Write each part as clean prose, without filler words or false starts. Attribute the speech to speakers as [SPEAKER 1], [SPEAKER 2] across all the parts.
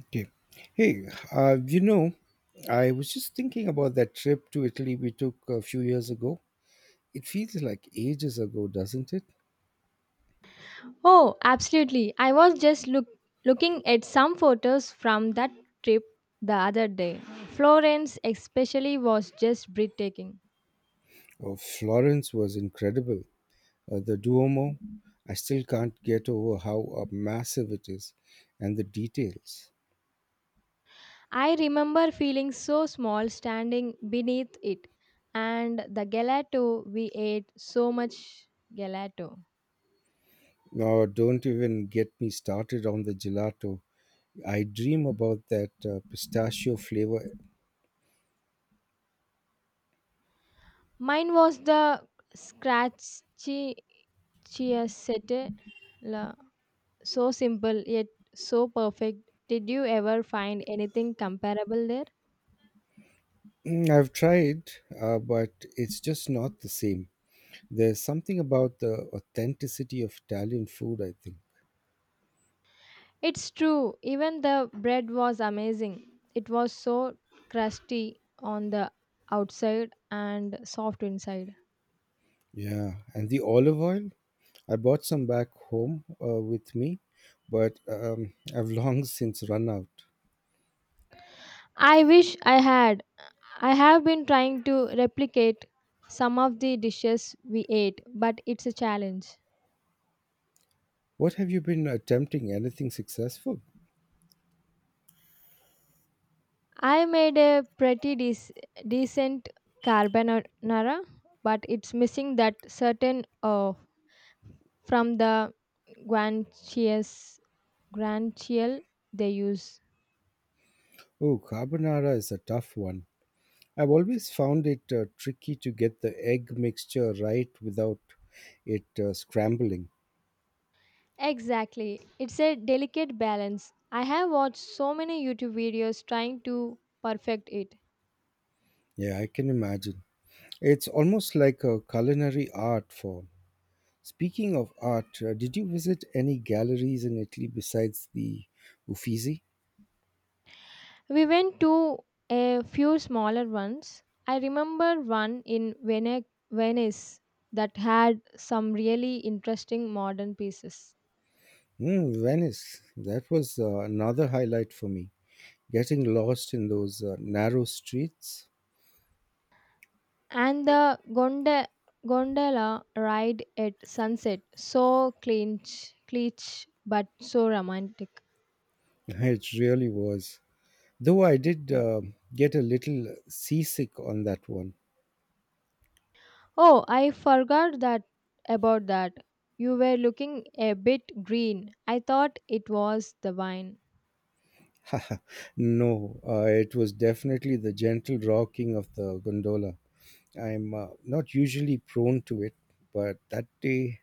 [SPEAKER 1] Okay. Hey, uh, you know, I was just thinking about that trip to Italy we took a few years ago. It feels like ages ago, doesn't it?
[SPEAKER 2] Oh, absolutely. I was just looking at some photos from that trip the other day. Florence, especially, was just breathtaking.
[SPEAKER 1] Oh, Florence was incredible. The Duomo, I still can't get over how massive it is and the details.
[SPEAKER 2] I remember feeling so small standing beneath it, and the gelato we ate so much gelato.
[SPEAKER 1] Now, don't even get me started on the gelato. I dream about that pistachio flavor.
[SPEAKER 2] Mine was the scratchy chiassette, la- so simple yet so perfect. Did you ever find anything comparable there?
[SPEAKER 1] Mm, I've tried, but it's just not the same. There's something about the authenticity of Italian food, I think.
[SPEAKER 2] It's true, even the bread was amazing. It was so crusty on the outside and soft inside.
[SPEAKER 1] Yeah, and the olive oil. I bought some back home with me, but I've long since run out.
[SPEAKER 2] I wish I had. I have been trying to replicate some of the dishes we ate, but it's a challenge.
[SPEAKER 1] What have you been attempting? Anything successful?
[SPEAKER 2] I made a pretty decent carbonara, but it's missing that certain from the guanciale, guanciale they use.
[SPEAKER 1] Oh, carbonara is a tough one. I've always found it tricky to get the egg mixture right without it scrambling.
[SPEAKER 2] Exactly. It's a delicate balance. I have watched so many YouTube videos trying to perfect it.
[SPEAKER 1] Yeah, I can imagine. It's almost like a culinary art form. Speaking of art, did you visit any galleries in Italy besides the Uffizi?
[SPEAKER 2] We went to a few smaller ones. I remember one in Venice that had some really interesting modern pieces.
[SPEAKER 1] Mm, Venice. That was another highlight for me. Getting lost in those narrow streets.
[SPEAKER 2] And the gondola ride at sunset, so cliche, but so romantic.
[SPEAKER 1] It really was. Though I did get a little seasick on that one.
[SPEAKER 2] Oh, I forgot that about that. You were looking a bit green. I thought it was the wine.
[SPEAKER 1] No, it was definitely the gentle rocking of the gondola. I'm not usually prone to it, but that day.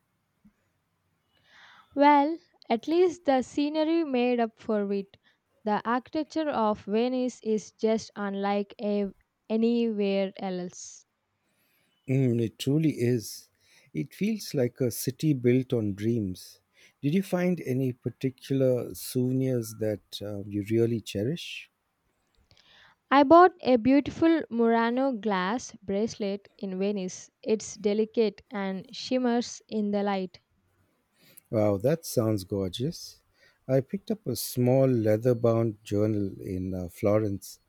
[SPEAKER 2] Well, at least the scenery made up for it. The architecture of Venice is just unlike anywhere else.
[SPEAKER 1] Mm, it truly is. It feels like a city built on dreams. Did you find any particular souvenirs that you really cherish?
[SPEAKER 2] I bought a beautiful Murano glass bracelet in Venice. It's delicate and shimmers in the light.
[SPEAKER 1] Wow, that sounds gorgeous. I picked up a small leather bound journal in Florence.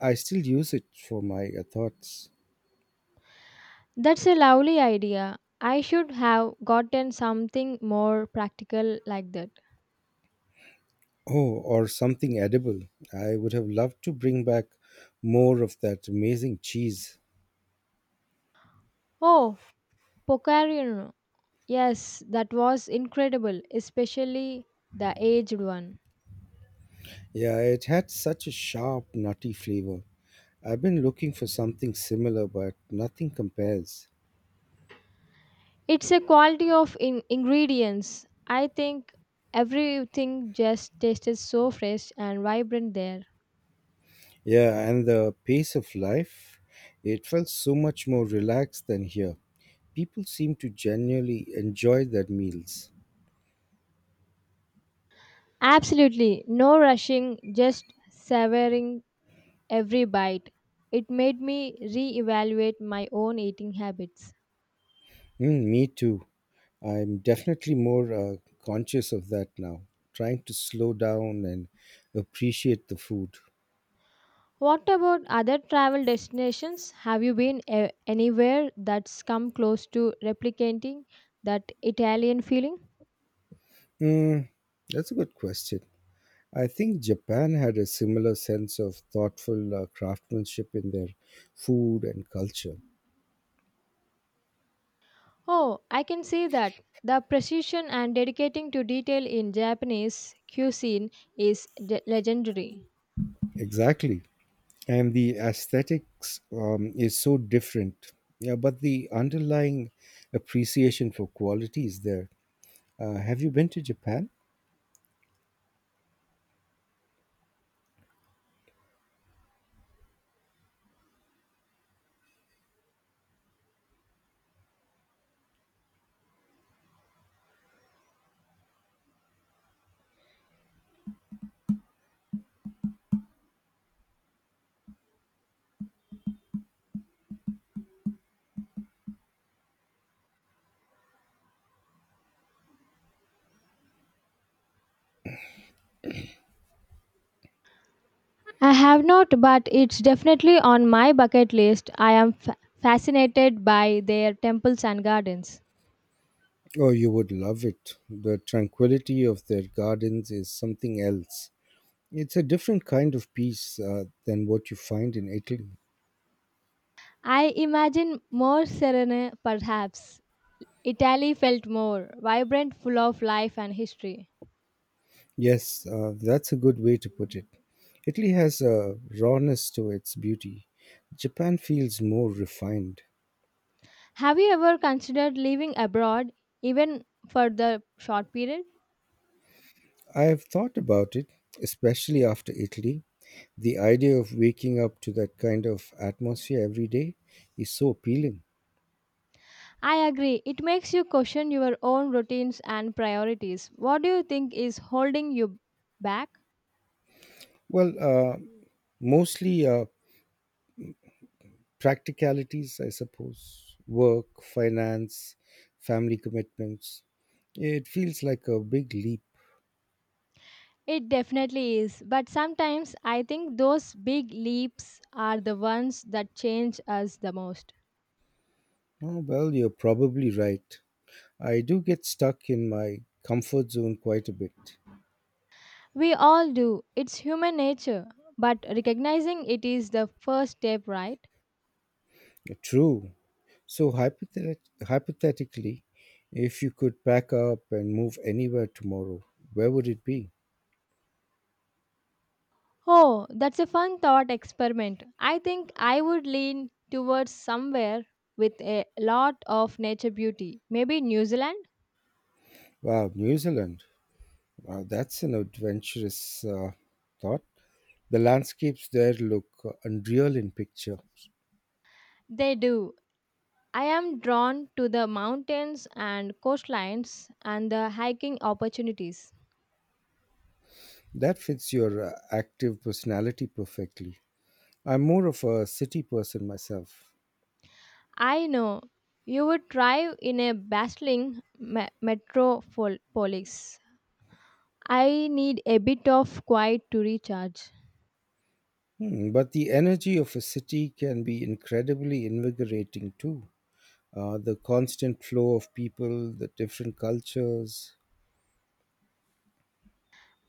[SPEAKER 1] I still use it for my thoughts.
[SPEAKER 2] That's a lovely idea. I should have gotten something more practical like that.
[SPEAKER 1] Oh, or something edible. I would have loved to bring back more of that amazing cheese.
[SPEAKER 2] Oh, Pocarion. Yes, that was incredible, especially the aged one.
[SPEAKER 1] Yeah, it had such a sharp, nutty flavor. I've been looking for something similar, but nothing compares.
[SPEAKER 2] It's a quality of ingredients. I think everything just tasted so fresh and vibrant there.
[SPEAKER 1] Yeah, and the pace of life, it felt so much more relaxed than here. People seem to genuinely enjoy their meals.
[SPEAKER 2] Absolutely, no rushing, just savoring every bite. It made me reevaluate my own eating habits.
[SPEAKER 1] Mm, me too. I'm definitely more conscious of that now, trying to slow down and appreciate the food.
[SPEAKER 2] What about other travel destinations? Have you been anywhere that's come close to replicating that Italian feeling?
[SPEAKER 1] Mm, that's a good question. I think Japan had a similar sense of thoughtful craftsmanship in their food and culture.
[SPEAKER 2] Oh, I can see that. The precision and dedicating to detail in Japanese cuisine is legendary.
[SPEAKER 1] Exactly. And the aesthetics is so different. Yeah, but the underlying appreciation for quality is there. Have you been to Japan?
[SPEAKER 2] I have not, but it's definitely on my bucket list. I am fascinated by their temples and gardens.
[SPEAKER 1] Oh, you would love it. The tranquility of their gardens is something else. It's a different kind of peace than what you find in Italy.
[SPEAKER 2] I imagine more serene, perhaps. Italy felt more vibrant, full of life and history.
[SPEAKER 1] Yes, that's a good way to put it. Italy has a rawness to its beauty. Japan feels more refined.
[SPEAKER 2] Have you ever considered living abroad, even for the short period?
[SPEAKER 1] I have thought about it, especially after Italy. The idea of waking up to that kind of atmosphere every day is so appealing.
[SPEAKER 2] I agree, it makes you question your own routines and priorities. What do you think is holding you back?
[SPEAKER 1] Well, mostly practicalities, I suppose work, finance, family commitments. It feels like a big leap.
[SPEAKER 2] It definitely is, but sometimes I think those big leaps are the ones that change us the most.
[SPEAKER 1] Oh, well, you're probably right. I do get stuck in my comfort zone quite a bit.
[SPEAKER 2] We all do, it's human nature, but recognizing it is the first step, right?
[SPEAKER 1] True. So, hypothetically, if you could pack up and move anywhere tomorrow, where would it be?
[SPEAKER 2] Oh, that's a fun thought experiment. I think I would lean towards somewhere with a lot of nature beauty. Maybe New Zealand?
[SPEAKER 1] Wow, New Zealand. Wow, that's an adventurous thought. The landscapes there look unreal in picture.
[SPEAKER 2] They do. I am drawn to the mountains and coastlines and the hiking opportunities.
[SPEAKER 1] That fits your active personality perfectly. I'm more of a city person myself.
[SPEAKER 2] I know you would thrive in a bustling metropolis. I need a bit of quiet to recharge.
[SPEAKER 1] Hmm, but the energy of a city can be incredibly invigorating too. The constant flow of people, the different cultures.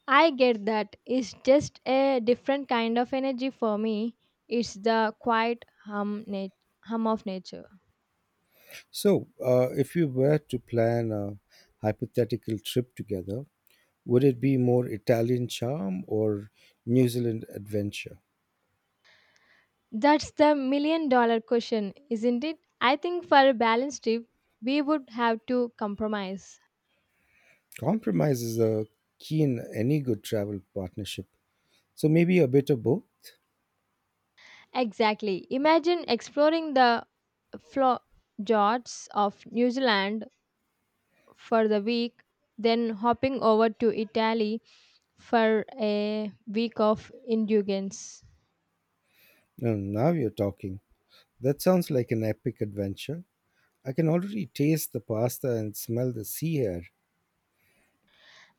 [SPEAKER 2] I get that. It's just a different kind of energy for me. It's the quiet hum, hum of nature.
[SPEAKER 1] So, if you were to plan a hypothetical trip together, would it be more Italian charm or New Zealand adventure?
[SPEAKER 2] That's the million dollar question, isn't it? I think for a balanced trip, we would have to compromise.
[SPEAKER 1] Compromise is a key in any good travel partnership. So, maybe a bit of both.
[SPEAKER 2] Exactly. Imagine exploring the flo- fjords of New Zealand for the week, then hopping over to Italy for a week of indulgence.
[SPEAKER 1] And now you're talking. That sounds like an epic adventure. I can already taste the pasta and smell the sea air.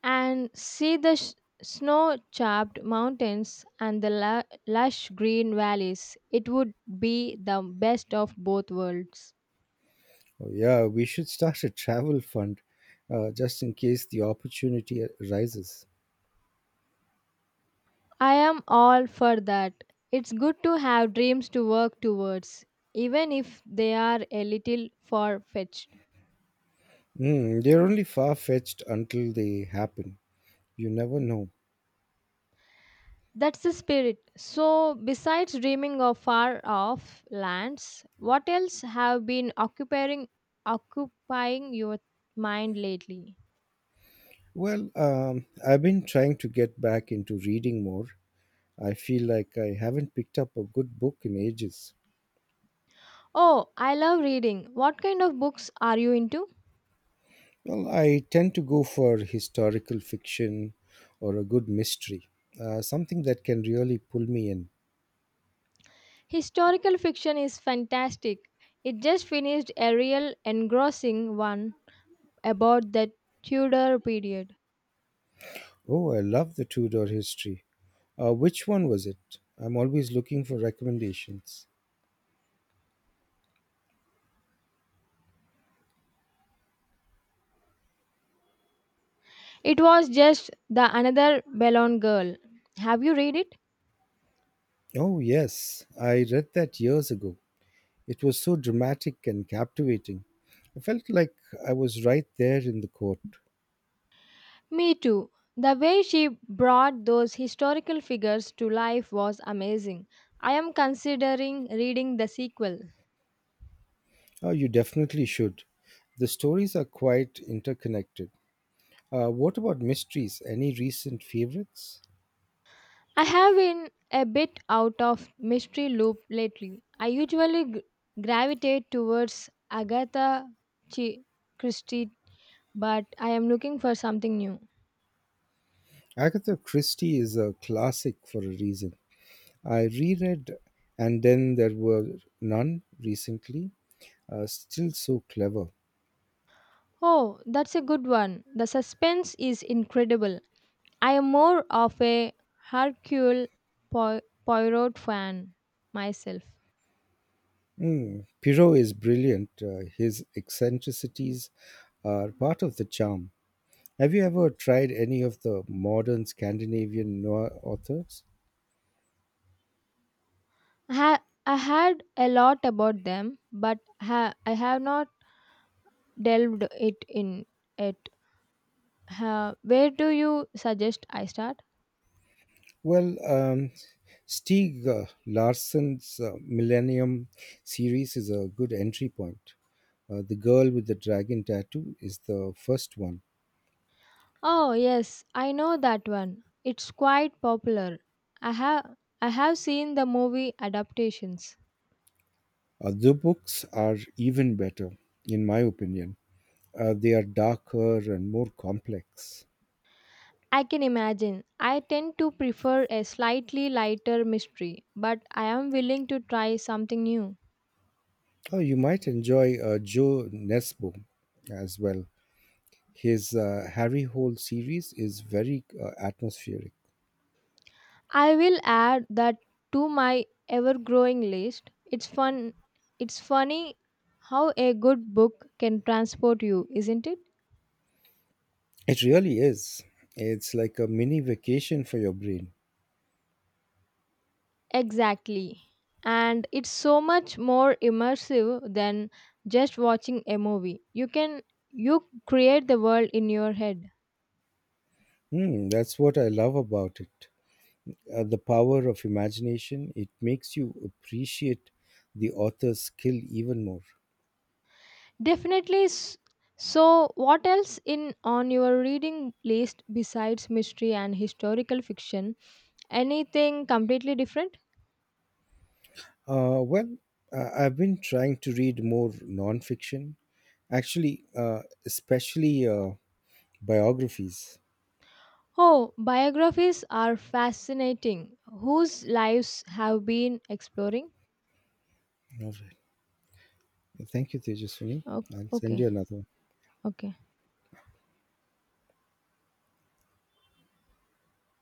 [SPEAKER 2] And see the snow capped mountains and the lush green valleys. It would be the best of both worlds.
[SPEAKER 1] Oh, yeah, we should start a travel fund just in case the opportunity arises.
[SPEAKER 2] I am all for that. It's good to have dreams to work towards, even if they are a little far fetched.
[SPEAKER 1] Mm, they're only far fetched until they happen. You never know.
[SPEAKER 2] That's the spirit. So, besides dreaming of far off lands, what else have been occupying your mind lately?
[SPEAKER 1] Well, I've been trying to get back into reading more. I feel like I haven't picked up a good book in ages.
[SPEAKER 2] Oh, I love reading. What kind of books are you into?
[SPEAKER 1] Well, I tend to go for historical fiction or a good mystery, something that can really pull me in.
[SPEAKER 2] Historical fiction is fantastic. It just finished a real engrossing one about the Tudor period.
[SPEAKER 1] Oh, I love the Tudor history. Which one was it? I'm always looking for recommendations.
[SPEAKER 2] It was just the another Bellon girl. Have you read it?
[SPEAKER 1] Oh, yes, I read that years ago. It was so dramatic and captivating. I felt like I was right there in the court.
[SPEAKER 2] Me too. The way she brought those historical figures to life was amazing. I am considering reading the sequel.
[SPEAKER 1] Oh, you definitely should. The stories are quite interconnected. What about mysteries? Any recent favorites?
[SPEAKER 2] I have been a bit out of mystery loop lately. I usually gravitate towards Agatha Chi- Christie, but I am looking for something new.
[SPEAKER 1] Agatha Christie is a classic for a reason. I reread And Then There Were None recently. Still so clever.
[SPEAKER 2] Oh, that's a good one. The suspense is incredible. I am more of a Hercule Po- Poirot fan myself.
[SPEAKER 1] Mm. Pierrot is brilliant. His eccentricities are part of the charm. Have you ever tried any of the modern Scandinavian noir authors?
[SPEAKER 2] I had a lot about them, but I have not delved it in it. Huh, where do you suggest I start?
[SPEAKER 1] Well, Stieg Larsson's Millennium series is a good entry point. The Girl with the Dragon Tattoo is the first one.
[SPEAKER 2] Oh yes, I know that one. It's quite popular. I have I have seen the movie adaptations.
[SPEAKER 1] Other books are even better, in my opinion. They are darker and more complex.
[SPEAKER 2] I can imagine. I tend to prefer a slightly lighter mystery, but I am willing to try something new.
[SPEAKER 1] Oh, you might enjoy Joe Nesbo as well. His Harry Hole series is very atmospheric.
[SPEAKER 2] I will add that to my ever-growing list. It's fun. It's funny how a good book can transport you, isn't it?
[SPEAKER 1] It really is. It's like a mini vacation for your brain.
[SPEAKER 2] Exactly. And it's so much more immersive than just watching a movie. You create the world in your head.
[SPEAKER 1] Hmm, that's what I love about it. The power of imagination, it makes you appreciate the author's skill even more.
[SPEAKER 2] Definitely. So, what else in on your reading list besides mystery and historical fiction? Anything completely different?
[SPEAKER 1] Well, I've been trying to read more nonfiction, actually, especially biographies.
[SPEAKER 2] Oh, biographies are fascinating. Whose lives have been exploring?
[SPEAKER 1] All right. Thank you, Tejas, for me.
[SPEAKER 2] Okay,
[SPEAKER 1] I'll send
[SPEAKER 2] okay.
[SPEAKER 1] you another one.
[SPEAKER 2] Okay.